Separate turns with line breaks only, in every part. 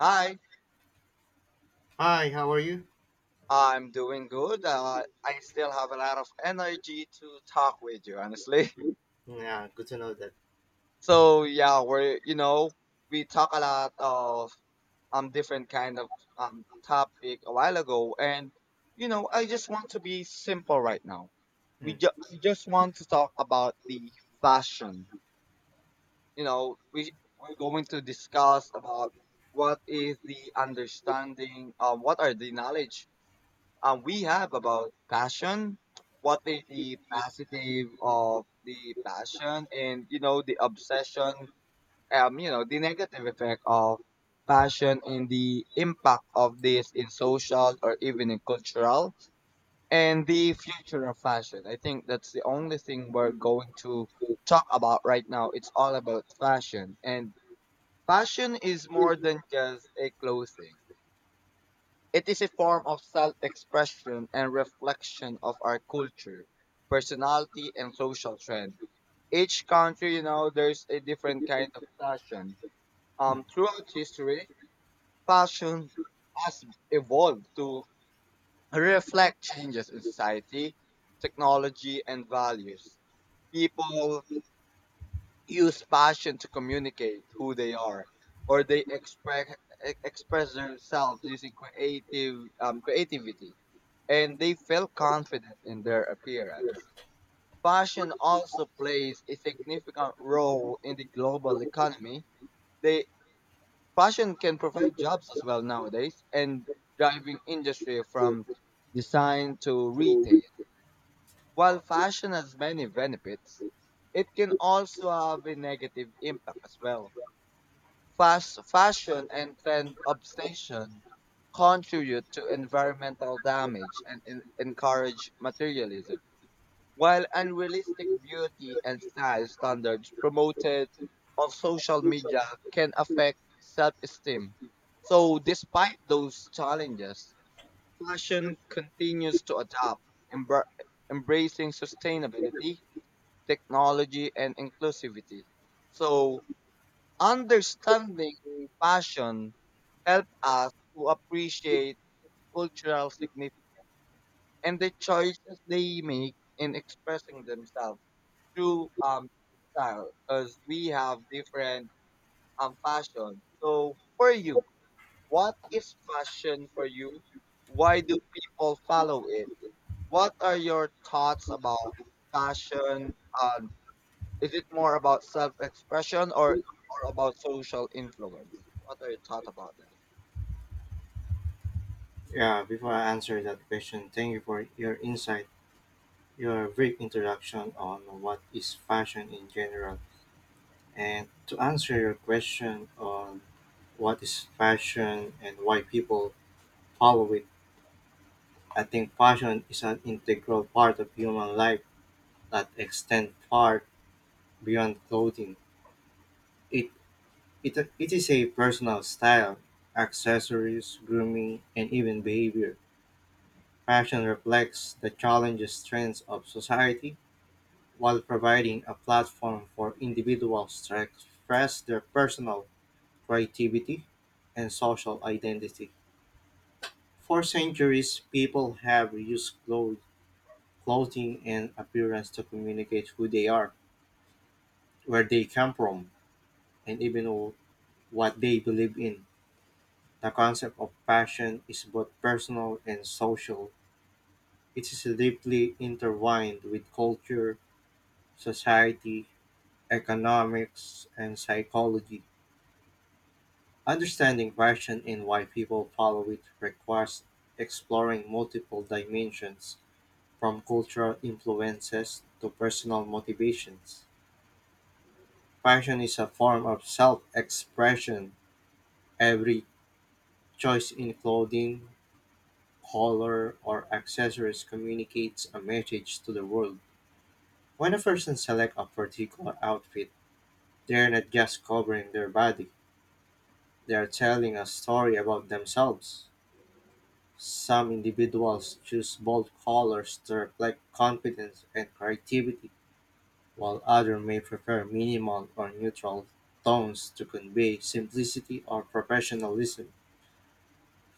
Hi,
Hi, how are you?
I'm doing good. I still have a lot of energy to talk with you, honestly.
Yeah, good to know that.
So yeah, we're you know we talk a lot of different kind of topic a while ago, and I just want to be simple right now. We
Mm,
just want to talk about the fashion. We're going to discuss about what is the understanding, what are the knowledge we have about passion. What is the positive of the passion and, the obsession, the negative effect of passion and the impact of this in social or even in cultural and the future of fashion. I think that's the only thing we're going to talk about right now. It's all about fashion, and fashion is more than just a clothing. It is a form of self expression and reflection of our culture, personality, and social trend. Each country, there's a different kind of fashion.
mm.
Throughout history, fashion has evolved to reflect changes in society, technology, and values. People use passion to communicate who they are, or they express themselves using creative creativity, and they feel confident in their appearance. Fashion also plays a significant role in the global economy. They Fashion can provide jobs as well nowadays, and driving industry from design to retail. While fashion has many benefits, it can also have a negative impact as well. Fast fashion and trend obsession contribute to environmental damage and encourage materialism, while unrealistic beauty and style standards promoted on social media can affect self-esteem. So, despite those challenges, fashion continues to adapt, embra- embracing sustainability, technology, and inclusivity. So, understanding fashion helped us to appreciate its cultural significance and the choices they make in expressing themselves through style, because we have different fashion. So, for you, what is fashion for you? Why do people follow it? What are your thoughts about fashion? Um, is it more about self-expression or about social influence? What are your thoughts about this?
Yeah, before I answer that question, thank you for your insight, your brief introduction on what is fashion in general. And to answer your question on what is fashion and why people follow it, I think fashion is an integral part of human life that extends far beyond clothing. It, it is a personal style, accessories, grooming, and even behavior. Fashion reflects the challenges trends of society while providing a platform for individuals to express their personal creativity and social identity. For centuries, people have used clothing and appearance to communicate who they are, where they come from, and even what they believe in. The concept of fashion is both personal and social. It is deeply intertwined with culture, society, economics, and psychology. Understanding fashion and why people follow it requires exploring multiple dimensions, from cultural influences to personal motivations. Fashion is a form of self expression. Every choice in clothing, color, or accessories communicates a message to the world. When a person selects a particular outfit, they're not just covering their body, they are telling a story about themselves. Some individuals choose bold colors to reflect confidence and creativity, while others may prefer minimal or neutral tones to convey simplicity or professionalism.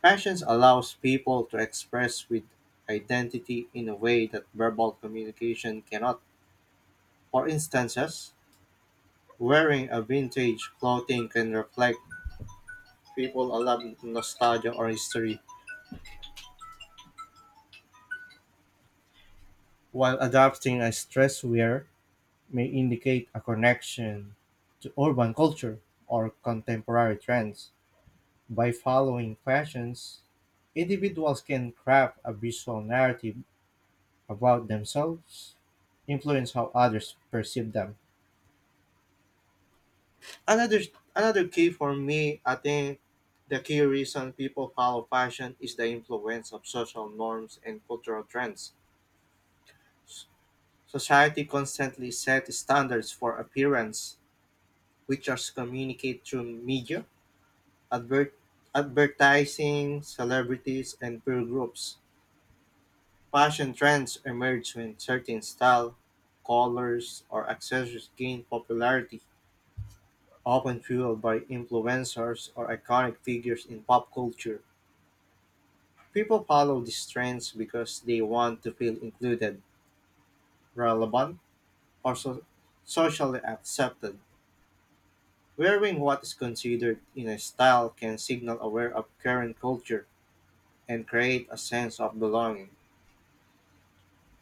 Fashion allows people to express with identity in a way that verbal communication cannot. For instances, wearing a vintage clothing can reflect people a lot of nostalgia or history, while adopting a stress wear may indicate a connection to urban culture or contemporary trends. By following fashions, individuals can craft a visual narrative about themselves, influence how others perceive them. Another another key for me, I think the key reason people follow fashion is the influence of social norms and cultural trends. S- Society constantly sets standards for appearance, which are communicated through media, advert- advertising, celebrities, and peer groups. Fashion trends emerge when certain style, colors, or accessories gain popularity, often fueled by influencers or iconic figures in pop culture. People follow these trends because they want to feel included, relevant, or socially accepted. Wearing what is considered in a style can signal aware of current culture and create a sense of belonging.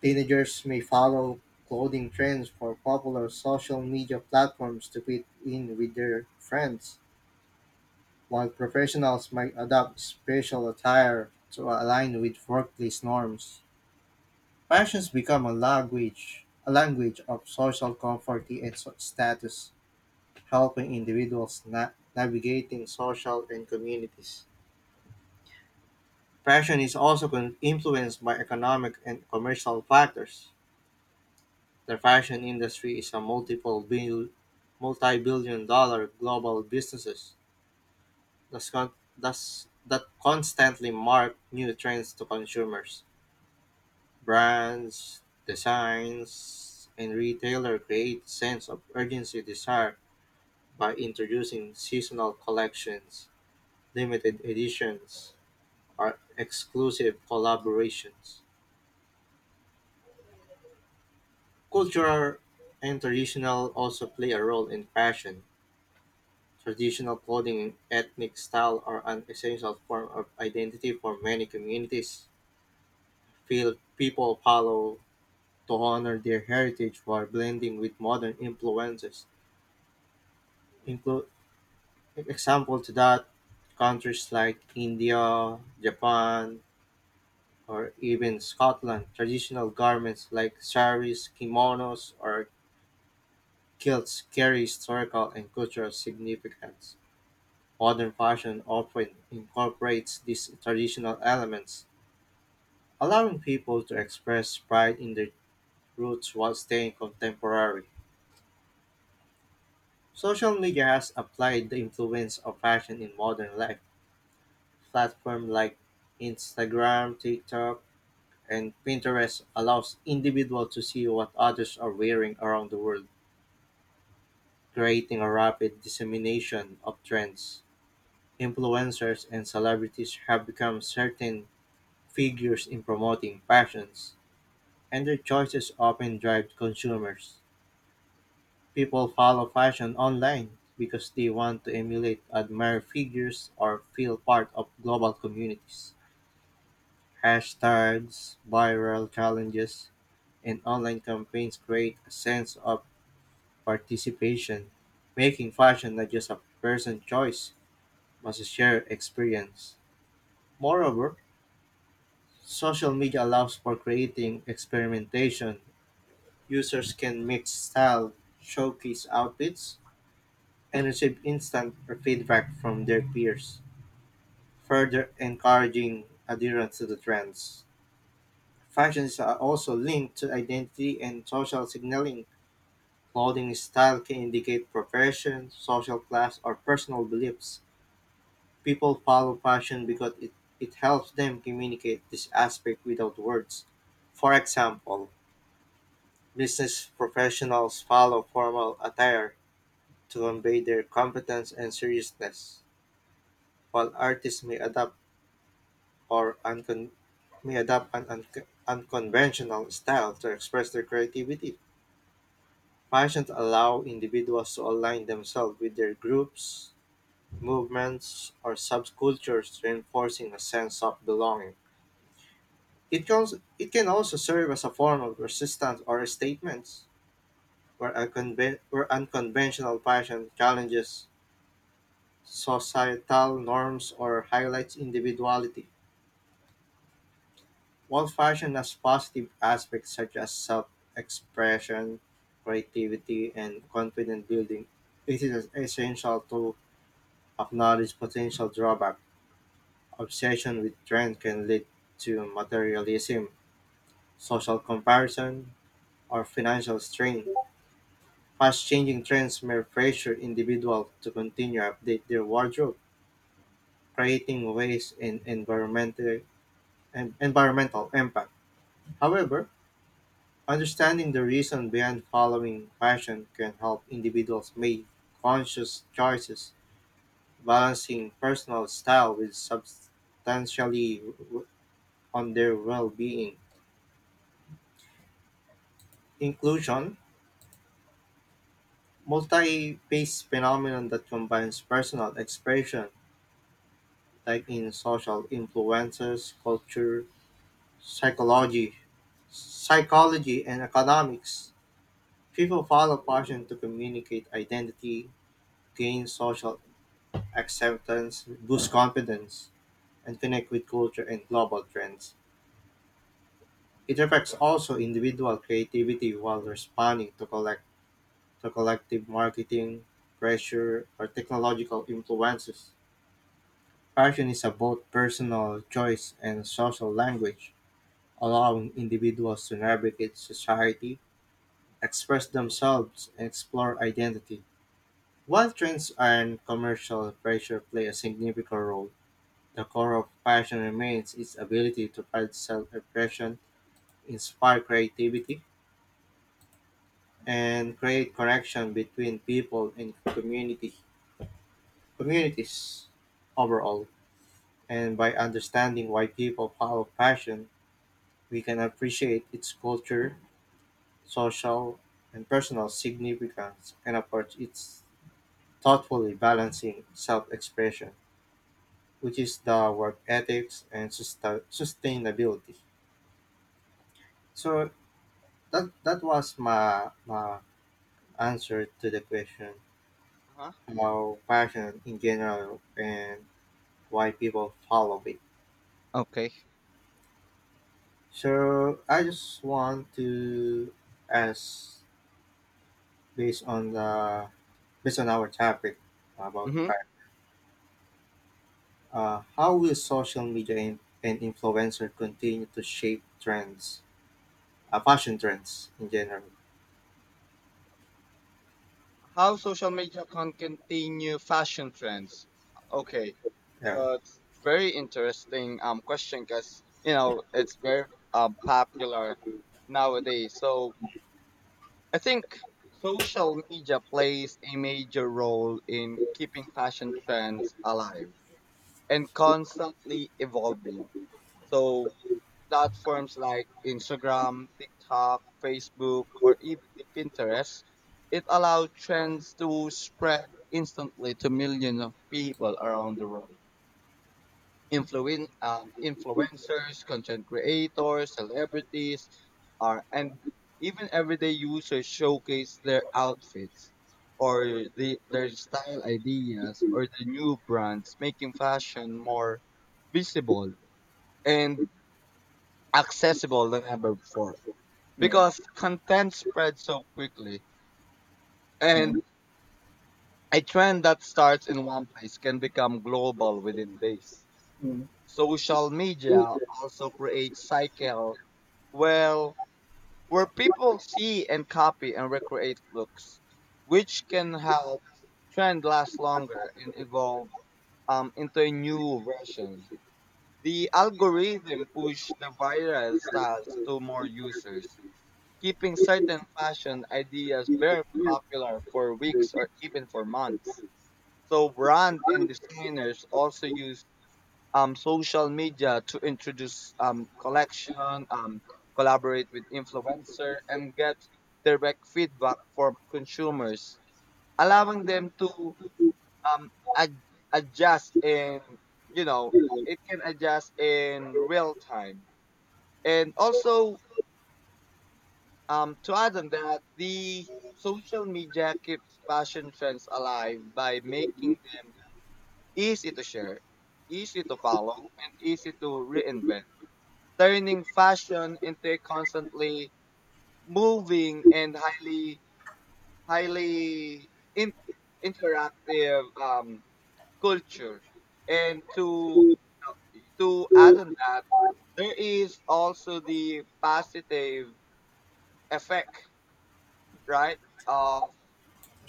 Teenagers may follow clothing trends for popular social media platforms to fit in with their friends, while professionals might adopt special attire to align with workplace norms. Fashions become a language of social comfort and status, helping individuals navigating social and communities. Fashion is also influenced by economic and commercial factors. The fashion industry is a multi-billion dollar global businesses that constantly mark new trends to consumers. Brands, designs, and retailer create sense of urgency desire by introducing seasonal collections, limited editions, or exclusive collaborations. Culture and traditional also play a role in fashion. Traditional clothing and ethnic style are an essential form of identity for many communities. Feel people follow to honor their heritage while blending with modern influences. Include example to that countries like India, Japan, or even Scotland. Traditional garments like saris, kimonos, or kilts carry historical and cultural significance. Modern fashion often incorporates these traditional elements allowing people to express pride in their roots while staying contemporary. Social media has applied the influence of fashion in modern life. Platforms like Instagram, TikTok, and Pinterest allows individuals to see what others are wearing around the world, creating a rapid dissemination of trends. Influencers and celebrities have become certain figures in promoting fashions, and their choices often drive consumers. People follow fashion online because they want to emulate, admire figures, or feel part of global communities. Hashtags, viral challenges, and online campaigns create a sense of participation, making fashion not just a personal choice, but a shared experience. Moreover, social media allows for creating experimentation. Users can mix style, showcase outfits, and receive instant feedback from their peers, further encouraging adherence to the trends. Fashions are also linked to identity and social signaling. Clothing style can indicate profession, social class, or personal beliefs. People follow fashion because it helps them communicate this aspect without words. For example, business professionals follow formal attire to convey their competence and seriousness, while artists may adapt or uncon- may adopt an unconventional style to express their creativity. Passions allow individuals to align themselves with their groups, movements, or subcultures, reinforcing a sense of belonging. It can also serve as a form of resistance or statements, where unconventional passion challenges societal norms or highlights individuality. While fashion has positive aspects such as self expression, creativity, and confidence building, it is essential to acknowledge potential drawback. Obsession with trend can lead to materialism, social comparison, or financial strain. Fast changing trends may pressure individuals to continue to update their wardrobe, creating waste and environmental impact. However, understanding the reason behind following passion can help individuals make conscious choices, balancing personal style with substantially w- on their well-being. Inclusion, multi-phase phenomenon that combines personal expression, like in social influences, culture, psychology, psychology, and economics. People follow passion to communicate identity, gain social acceptance boosts confidence and connect with culture and global trends. It affects also individual creativity while responding to collective marketing pressure or technological influences. Fashion is about personal choice and social language, allowing individuals to navigate society, express themselves, and explore identity. While trends and commercial pressure play a significant role, the core of fashion remains its ability to provide self expression, inspire creativity, and create connection between people and community communities overall. And by understanding why people follow fashion, we can appreciate its culture, social, and personal significance and approach its thoughtfully balancing self expression, which is the work ethics and sustainability. So that was my answer to the question
Uh-huh.
about passion in general and why people follow it.
Okay.
So I just want to ask based on the based on our topic about
Mm-hmm.
passion, how will social media and, influencer continue to shape trends, fashion trends in general?
How social media can continue fashion trends? Okay,
Yeah.
that's very interesting question, because it's very popular nowadays. So I think social media plays a major role in keeping fashion trends alive, and constantly evolving. So platforms like Instagram, TikTok, Facebook, or even the Pinterest, it allows trends to spread instantly to millions of people around the world. Influencers, content creators, celebrities, and even everyday users showcase their outfits or their style ideas or the new brands, making fashion more visible and accessible than ever before.
Mm,
Because content spreads so quickly,
mm,
and a trend that starts in one place can become global within days. Social media also creates cycle, well, where people see and copy and recreate looks, which can help trend last longer and evolve into a new version. The algorithm push the viral styles to more users, keeping certain fashion ideas very popular for weeks or even for months. So brand and designers also use social media to introduce collection, collaborate with influencer, and get direct feedback from consumers, allowing them to um, ad- adjust in, you know, it can adjust in real time. And also to add on that, the social media keeps fashion trends alive by making them easy to share, easy to follow, and easy to reinvent, turning fashion into a constantly moving and highly in, interactive culture. And to add on that, there is also the positive effect, right, of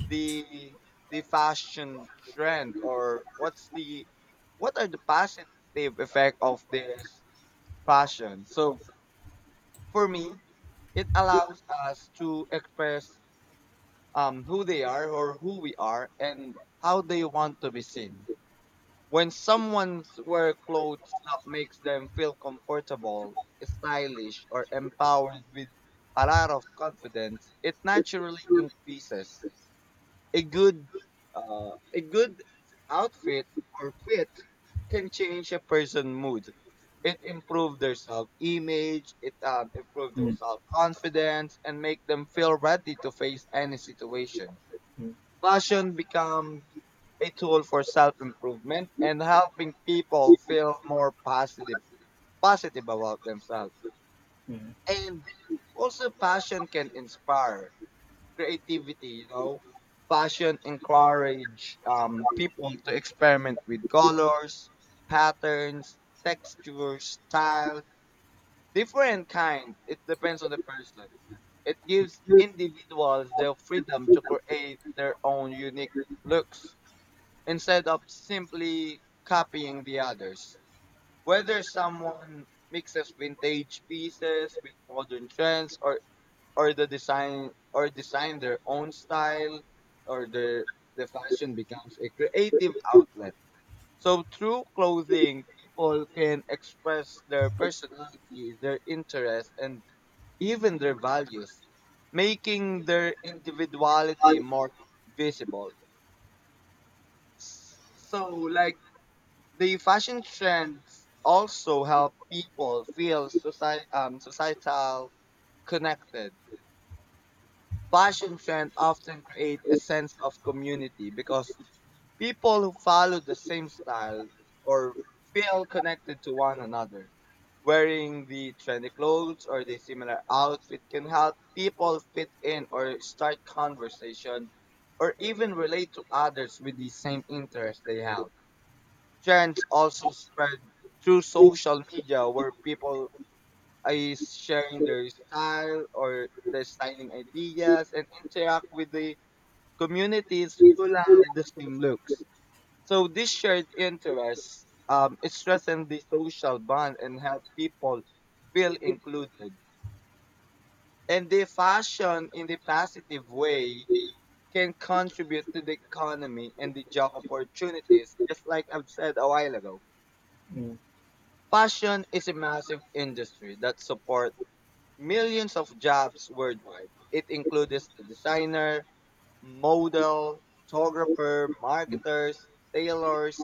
the the fashion trend, or what are the positive effect of this fashion? So for me, it allows us to express who they are, or who we are, and how they want to be seen. When someone's wear clothes that makes them feel comfortable, stylish, or empowered with a lot of confidence, it naturally increases. A good, uh, a good outfit or fit can change a person's mood. It improves their self image, it improves their
mm,
self confidence, and make them feel ready to face any situation.
mm.
Fashion becomes a tool for self improvement, and helping people feel more positive about themselves. And also, passion can inspire creativity, fashion encourage people to experiment with colors, patterns, textures, style, different kind. It depends on the person. It gives individuals the freedom to create their own unique looks instead of simply copying the others. Whether someone mixes vintage pieces with modern trends, or the design or design their own style, or the fashion becomes a creative outlet. So through clothing, people can express their personality, their interests, and even their values, making their individuality more visible. So like, the fashion trends also help people feel society societal connected. Fashion trends often create a sense of community, because people who follow the same style or feel connected to one another. Wearing the trendy clothes or the similar outfit can help people fit in, or start conversation, or even relate to others with the same interests they have. Trends also spread through social media, where people is sharing their style or their styling ideas, and interact with the communities who have the same looks. So this shared interest, it strengthens the social bond and help people feel included. And the fashion, in the positive way, can contribute to the economy and the job opportunities, just like I've said a while ago. Fashion is a massive industry that supports millions of jobs worldwide. It includes the designer, model, photographer, marketers, tailors,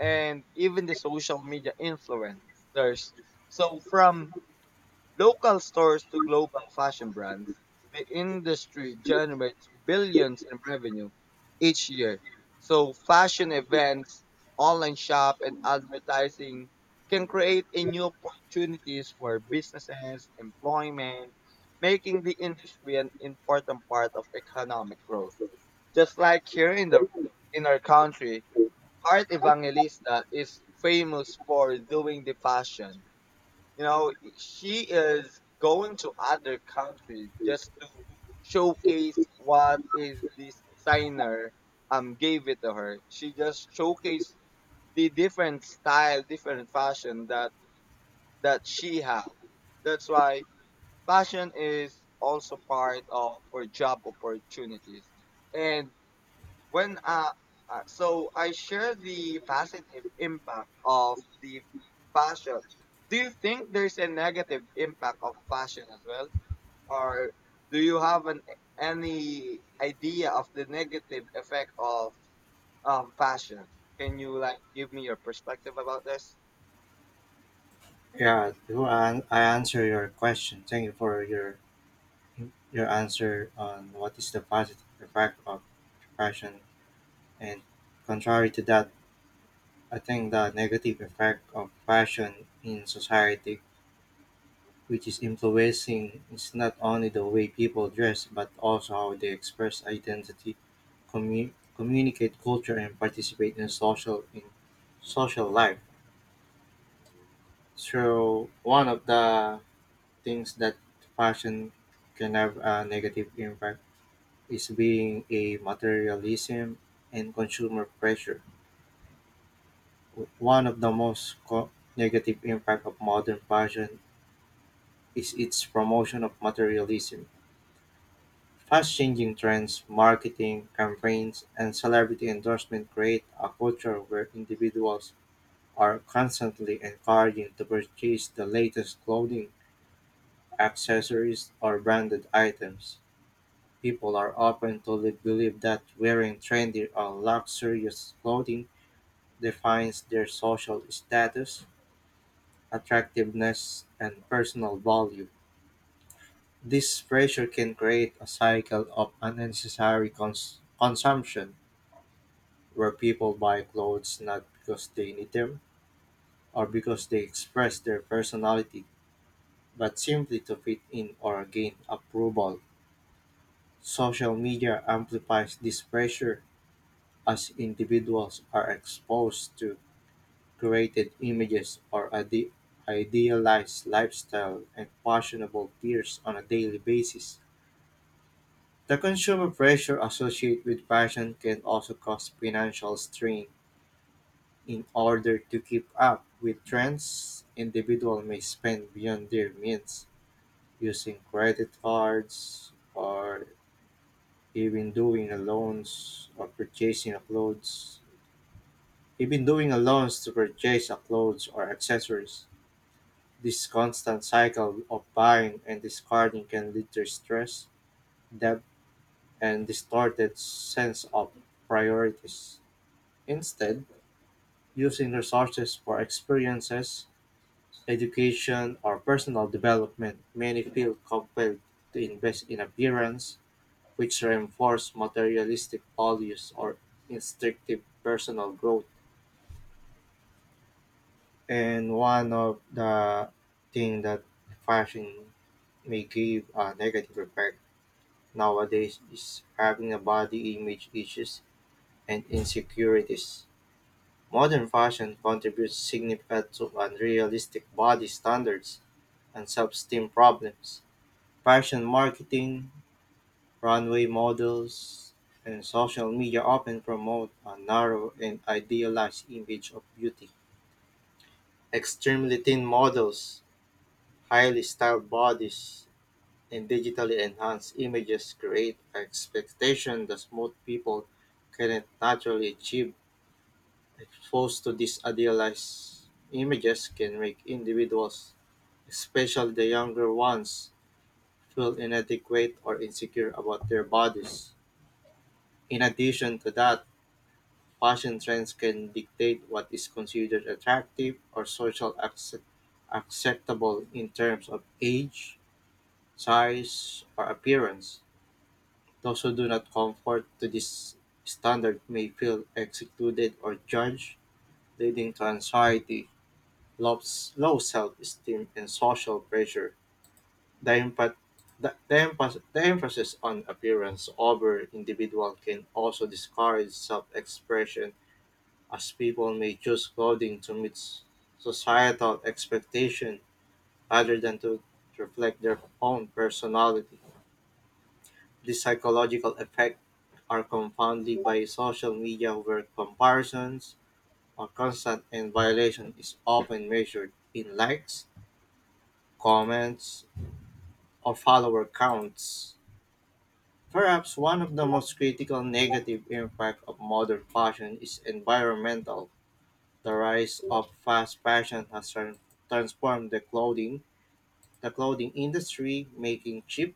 and even the social media influencers. So from local stores to global fashion brands, the industry generates billions in revenue each year. So fashion events, online shop, and advertising can create a new opportunities for businesses, employment, making the industry an important part of economic growth. Just like here in the in our country, Art Evangelista is famous for doing the fashion. You know, she is going to other countries just to showcase what is this designer gave it to her. She just showcased the different style, different fashion that she have. That's why fashion is also part of her job opportunities. And when so I share the positive impact of the fashion. Do you think there's a negative impact of fashion as well, or do you have an any idea of the negative effect of fashion? Can you like give me your perspective about this?
Yeah, I answer your question. Thank you for your. Your answer on what is the positive effect of fashion, and contrary to that, I think the negative effect of fashion in society, which is influencing, is not only the way people dress but also how they express identity, communicate culture, and participate in social life. So one of the things that fashion can have a negative impact is being a materialism and consumer pressure. One of the most negative impact of modern fashion is its promotion of materialism. Fast changing trends, marketing campaigns, and celebrity endorsement create a culture where individuals are constantly encouraged to purchase the latest clothing, accessories, or branded items. People are often told to believe that wearing trendy or luxurious clothing defines their social status, attractiveness, and personal value. This pressure can create a cycle of unnecessary consumption where people buy clothes not because they need them or because they express their personality, but simply to fit in or gain approval. Social media amplifies this pressure as individuals are exposed to created images or idealized lifestyle and fashionable peers on a daily basis. The consumer pressure associated with fashion can also cause financial strain. In order to keep up with trends, individuals may spend beyond their means, using credit cards or even doing a loans or purchasing a clothes. Even doing a loans to purchase a clothes or accessories. This constant cycle of buying and discarding can lead to stress, debt, and distorted sense of priorities. Instead, using resources for experiences, education, or personal development, many feel compelled to invest in appearance, which reinforce materialistic values or instinctive personal growth. And one of the thing that fashion may give a negative effect nowadays is having a body image issues and insecurities. Modern fashion contributes significantly to unrealistic body standards and self-esteem problems. Fashion marketing, runway models, and social media often promote a narrow and idealized image of beauty. Extremely thin models, highly styled bodies, and digitally enhanced images create expectation that most people cannot naturally achieve. Exposed to these idealized images can make individuals, especially the younger ones, feel inadequate or insecure about their bodies. In addition to that, fashion trends can dictate what is considered attractive or social acceptable in terms of age, size, or appearance. Those who do not conform to this standard may feel excluded or judged, leading to anxiety, low, low self esteem, and social pressure. The, empa- the emphasis on appearance over individual can also discourage self expression, as people may choose clothing to meet societal expectation rather than to reflect their own personality. The psychological effects are confounded by social media where comparisons are constant and violation is often measured in likes, comments, or follower counts. Perhaps one of the most critical negative impact of modern fashion is environmental. The rise of fast fashion has transformed the clothing industry, making cheap,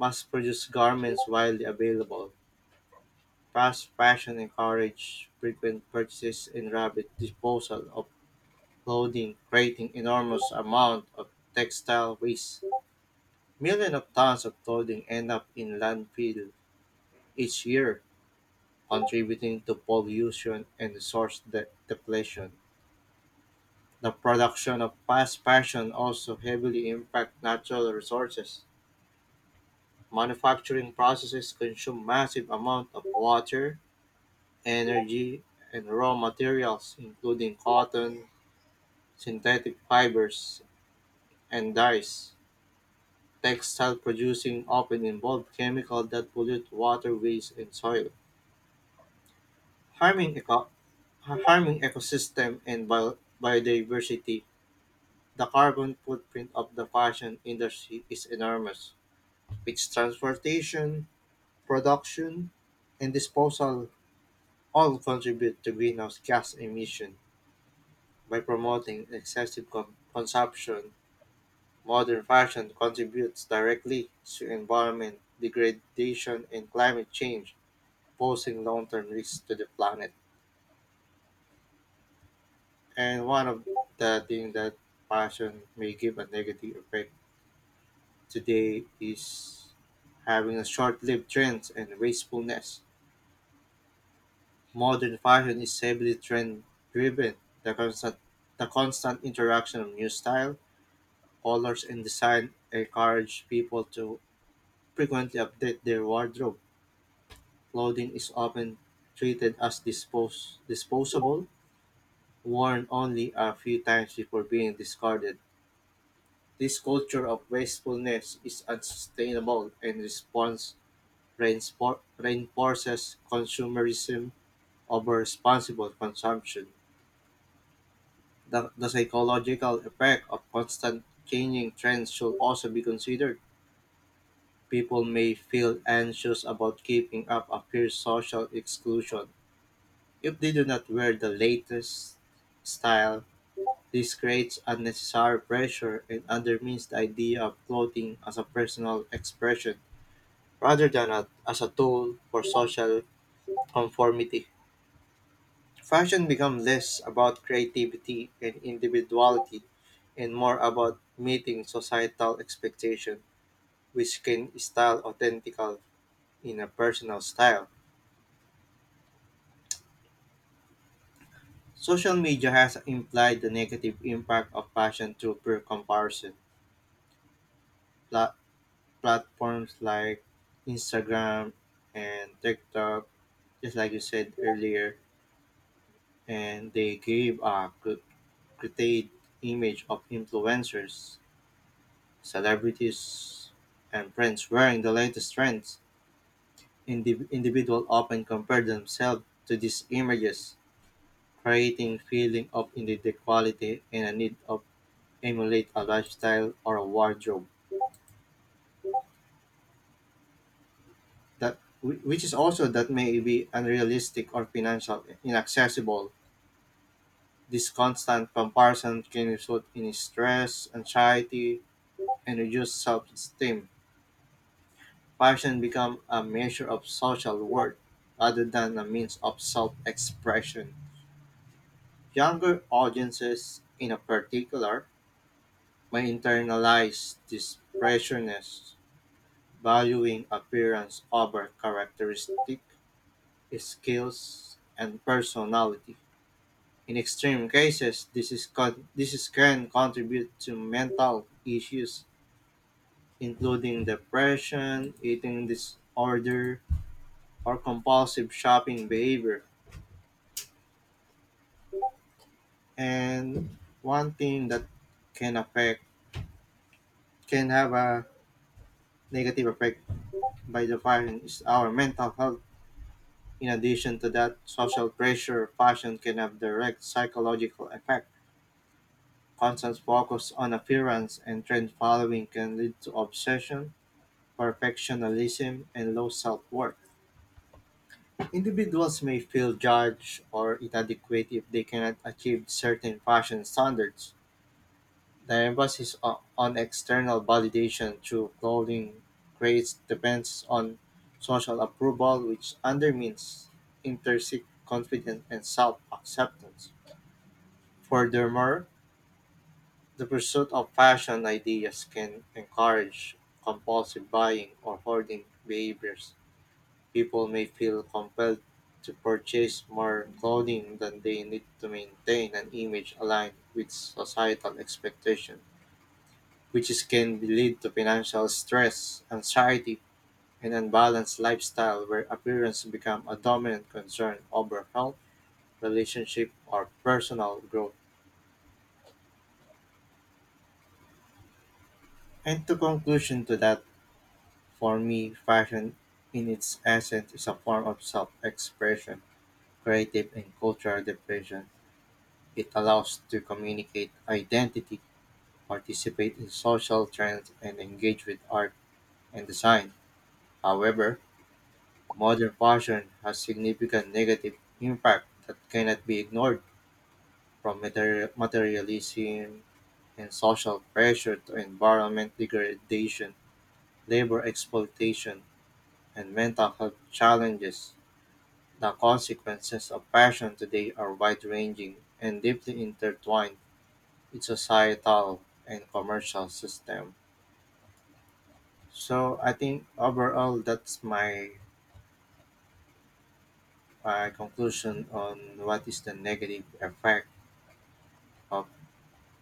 mass-produced garments widely available. Fast fashion encourages frequent purchases and rapid disposal of clothing, creating enormous amount of textile waste. Millions of tons of clothing end up in landfill each year, contributing to pollution and resource depletion. The production of fast fashion also heavily impacts natural resources. Manufacturing processes consume massive amounts of water, energy, and raw materials, including cotton, synthetic fibers, and dyes. Textile producing often involve chemicals that pollute waterways and soil, harming, eco- harming ecosystem and biodiversity. The carbon footprint of the fashion industry is enormous, which transportation, production, and disposal all contribute to greenhouse gas emission by promoting excessive consumption. Modern fashion contributes directly to environment degradation and climate change, posing long-term risks to the planet. And one of the things that fashion may give a negative effect today is having a short-lived trends and wastefulness. Modern fashion is heavily trend-driven. The constant, the constant interaction of new style, colors, and design encourage people to frequently update their wardrobe. Clothing is often treated as dispos disposable, worn only a few times before being discarded. This culture of wastefulness is unsustainable and response reinforces consumerism over responsible consumption. The psychological effect of constant changing trends should also be considered. People may feel anxious about keeping up appears social exclusion. If they do not wear the latest style, this creates unnecessary pressure and undermines the idea of clothing as a personal expression rather than as a tool for social conformity. Fashion becomes less about creativity and individuality and more about meeting societal expectation, which can style authentical in a personal style. Social media has implied the negative impact of fashion through peer comparison, pla- platforms like Instagram and TikTok, just like you said earlier, and they gave a created image of influencers, celebrities, and brands wearing the latest trends. Individuals often compare themselves to these images, creating feeling of inequality and a need of emulate a lifestyle or a wardrobe that which is also that may be unrealistic or financial inaccessible. This constant comparison can result in stress, anxiety, and reduced self-esteem. Passion becomes a measure of social worth rather than a means of self-expression. Younger audiences, in particular, may internalize this pressures, valuing appearance over characteristic, skills, and personality. In extreme cases, this is can contribute to mental issues including depression, eating disorder, or compulsive shopping behavior. And one thing that can affect can have a negative effect by defining is our mental health. In addition to that, social pressure, fashion can have direct psychological effect. Constant focus on appearance and trend following can lead to obsession, perfectionism, and low self-worth. Individuals may feel judged or inadequate if they cannot achieve certain fashion standards. The emphasis on external validation through clothing creates depends on social approval, which undermines intrinsic confidence and self acceptance. Furthermore, the pursuit of fashion ideas can encourage compulsive buying or hoarding behaviors. People may feel compelled to purchase more clothing than they need to maintain an image aligned with societal expectation, which is, can be lead to financial stress, anxiety, and unbalanced lifestyle where appearance become a dominant concern over health, relationship, or personal growth. And to conclusion to that, for me, fashion in its essence is a form of self-expression, creative and cultural expression. It allows to communicate identity, participate in social trends, and engage with art and design. However, modern fashion has significant negative impact that cannot be ignored from materialism and social pressure to environment degradation, labor exploitation, and mental health challenges. The consequences of fashion today are wide ranging and deeply intertwined its societal and commercial system. So I think overall that's my conclusion on what is the negative effect of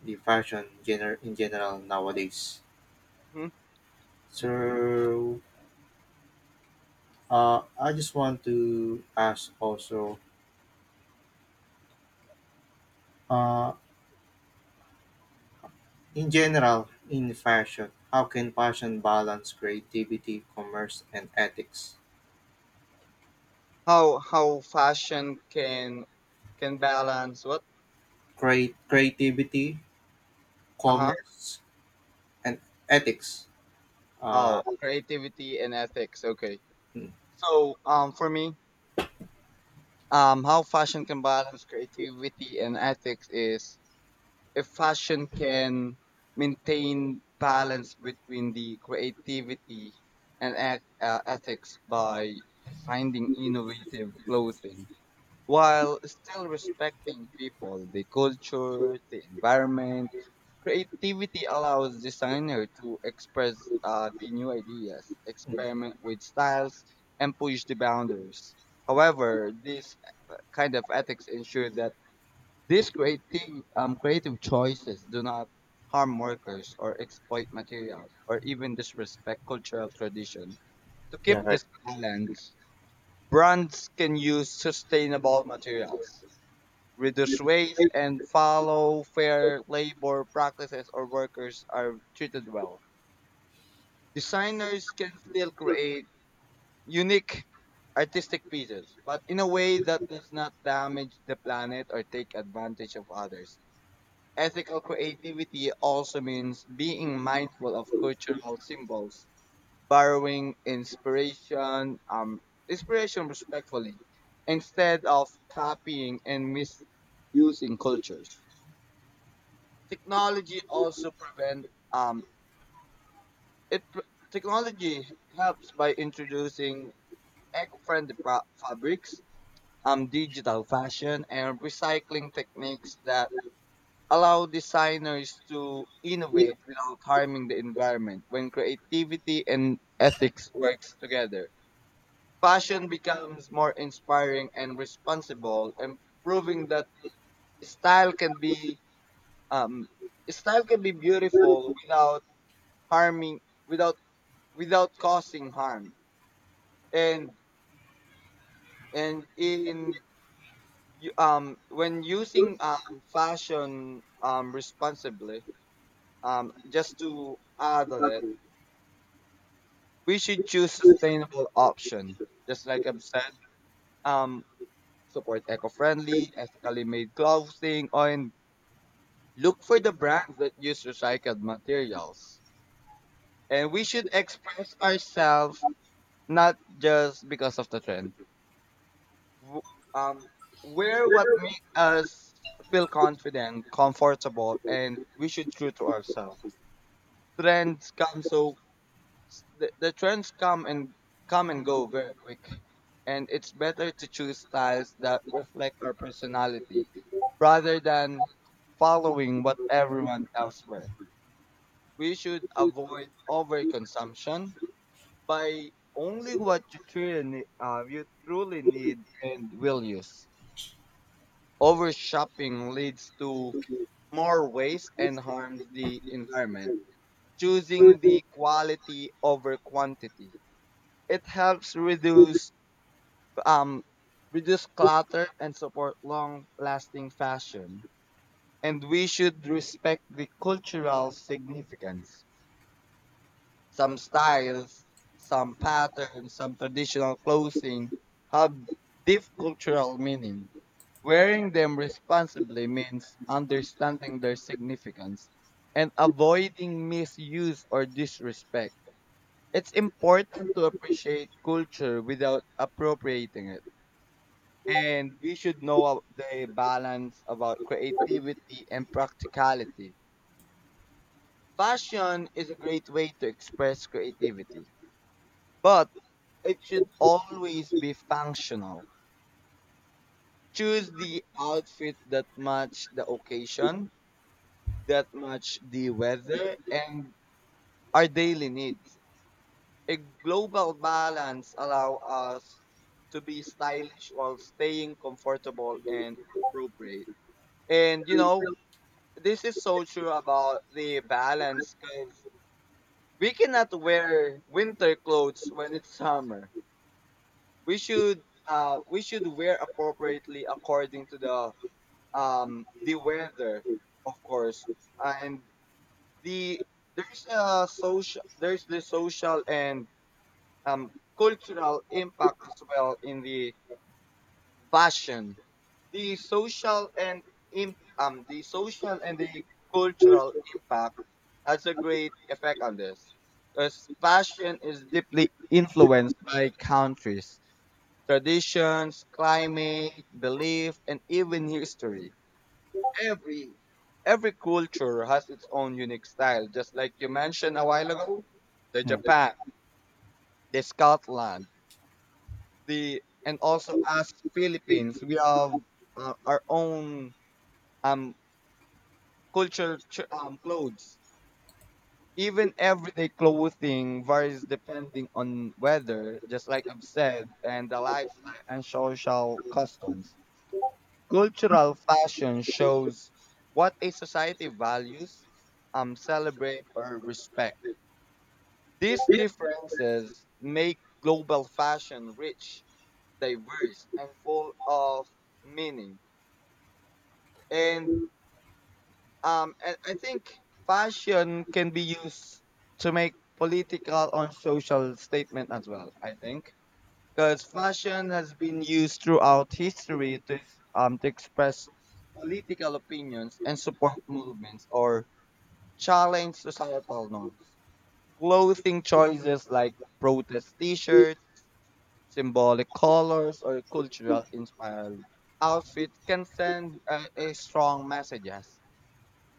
the fashion in general nowadays.
Hmm.
So I just want to ask also uh, in general in fashion, how can fashion balance creativity, commerce and ethics?
How fashion can balance what?
Create creativity,
Uh huh.
commerce and ethics.
Oh,
Uh,
creativity and ethics. Okay.
mm,
So for me, how fashion can balance creativity and ethics is, if fashion can maintain balance between the creativity and ethics by finding innovative clothing while still respecting people, the culture, the environment. Creativity allows designer to express the new ideas,
mm.
experiment with styles, and push the boundaries. However, this kind of ethics ensure that these creative choices do not harm workers, or exploit materials, or even disrespect cultural tradition. To keep
Yeah, right.
this balance, brands can use sustainable materials, reduce waste, and follow fair labor practices or workers are treated well. Designers can still create unique artistic pieces, but in a way that does not damage the planet or take advantage of others. Ethical creativity also means being mindful of cultural symbols, borrowing inspiration respectfully, instead of copying and misusing cultures. Technology also prevent um, it. Technology helps by introducing eco-friendly fabrics, digital fashion, and recycling techniques that allow designers to innovate without harming the environment. When creativity and ethics works together, fashion becomes more inspiring and responsible, and proving that style can be um, style can be beautiful without harming without without causing harm. And and in you, um when using fashion responsibly, just to add on it, we should choose sustainable option, just like I've said, um support eco-friendly, ethically made clothing, and look for the brands that use recycled materials. And we should express ourselves, not just because of the trend. W- um Wear what makes us feel confident, comfortable, and we should true to ourselves. Trends come so The trends come and go very quick, and it's better to choose styles that reflect our personality, rather than following what everyone else wears. We should avoid overconsumption by only what you truly need and will use. Over shopping leads to more waste and harms the environment. Choosing the quality over quantity, it helps um reduce clutter and support long-lasting fashion. And we should respect the cultural significance. Some styles, some patterns, some traditional clothing have deep cultural meaning. Wearing them responsibly means understanding their significance and avoiding misuse or disrespect. It's important to appreciate culture without appropriating it. And we should know the balance about creativity and practicality. Fashion is a great way to express creativity, but it should always be functional. Choose the outfit that match the occasion, that match the weather, and our daily needs. A global balance allow us to be stylish while staying comfortable and appropriate. And you know, this is so true about the balance because we cannot wear winter clothes when it's summer. We should we should wear appropriately according to the weather, of course. And the there's a social there's the social and um cultural impact as well in the fashion. The social and the social and the cultural impact has a great effect on this, because fashion is deeply influenced by countries, traditions, climate, belief, and even history. Every every culture has its own unique style, just like you mentioned a while ago, the
Mm,
Japan, the Scotland, the and also us Philippines, we have our own um culture clothes. Even everyday clothing varies depending on weather, just like I've said, and the lifestyle and social customs. Cultural fashion shows what a society values, celebrate, or respect. These differences make global fashion rich, diverse, and full of meaning. And and I think fashion can be used to make political and social statement as well. I think because fashion has been used throughout history to express political opinions and support movements, or challenge societal norms. Clothing choices like protest T-shirts, symbolic colors, or cultural inspired outfits can send a strong messages,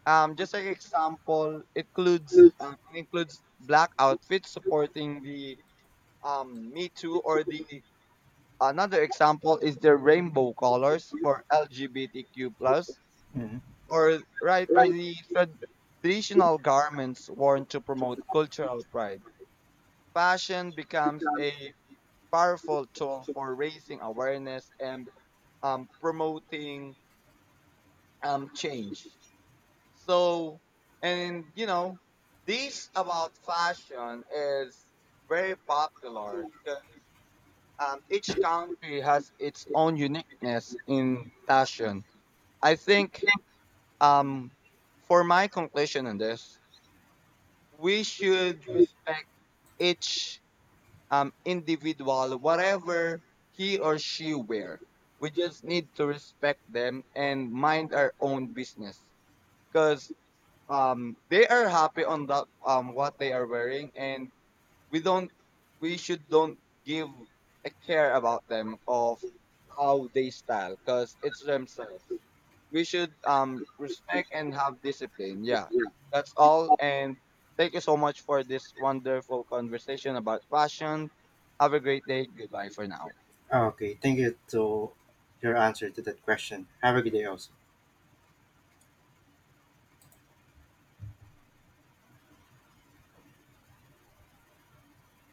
just like example, it includes black outfits supporting the Me Too, or the another example is the rainbow colors for LGBTQ plus,
mm.
or the traditional garments worn to promote cultural pride. Fashion becomes a powerful tool for raising awareness and promoting change. So, and these about fashion is very popular because each country has its own uniqueness in fashion. I think, um, for my conclusion on this, we should respect each individual, whatever he or she wear. We just need to respect them and mind our own business, cause they are happy on that what they are wearing, and we don't we should don't give a care about them of how they style, because it's themselves. We should respect and have discipline. Yeah, that's all, and thank you so much for this wonderful conversation about fashion. Have a great day, goodbye for now.
Okay, thank you to your answer to that question. Have a good day also.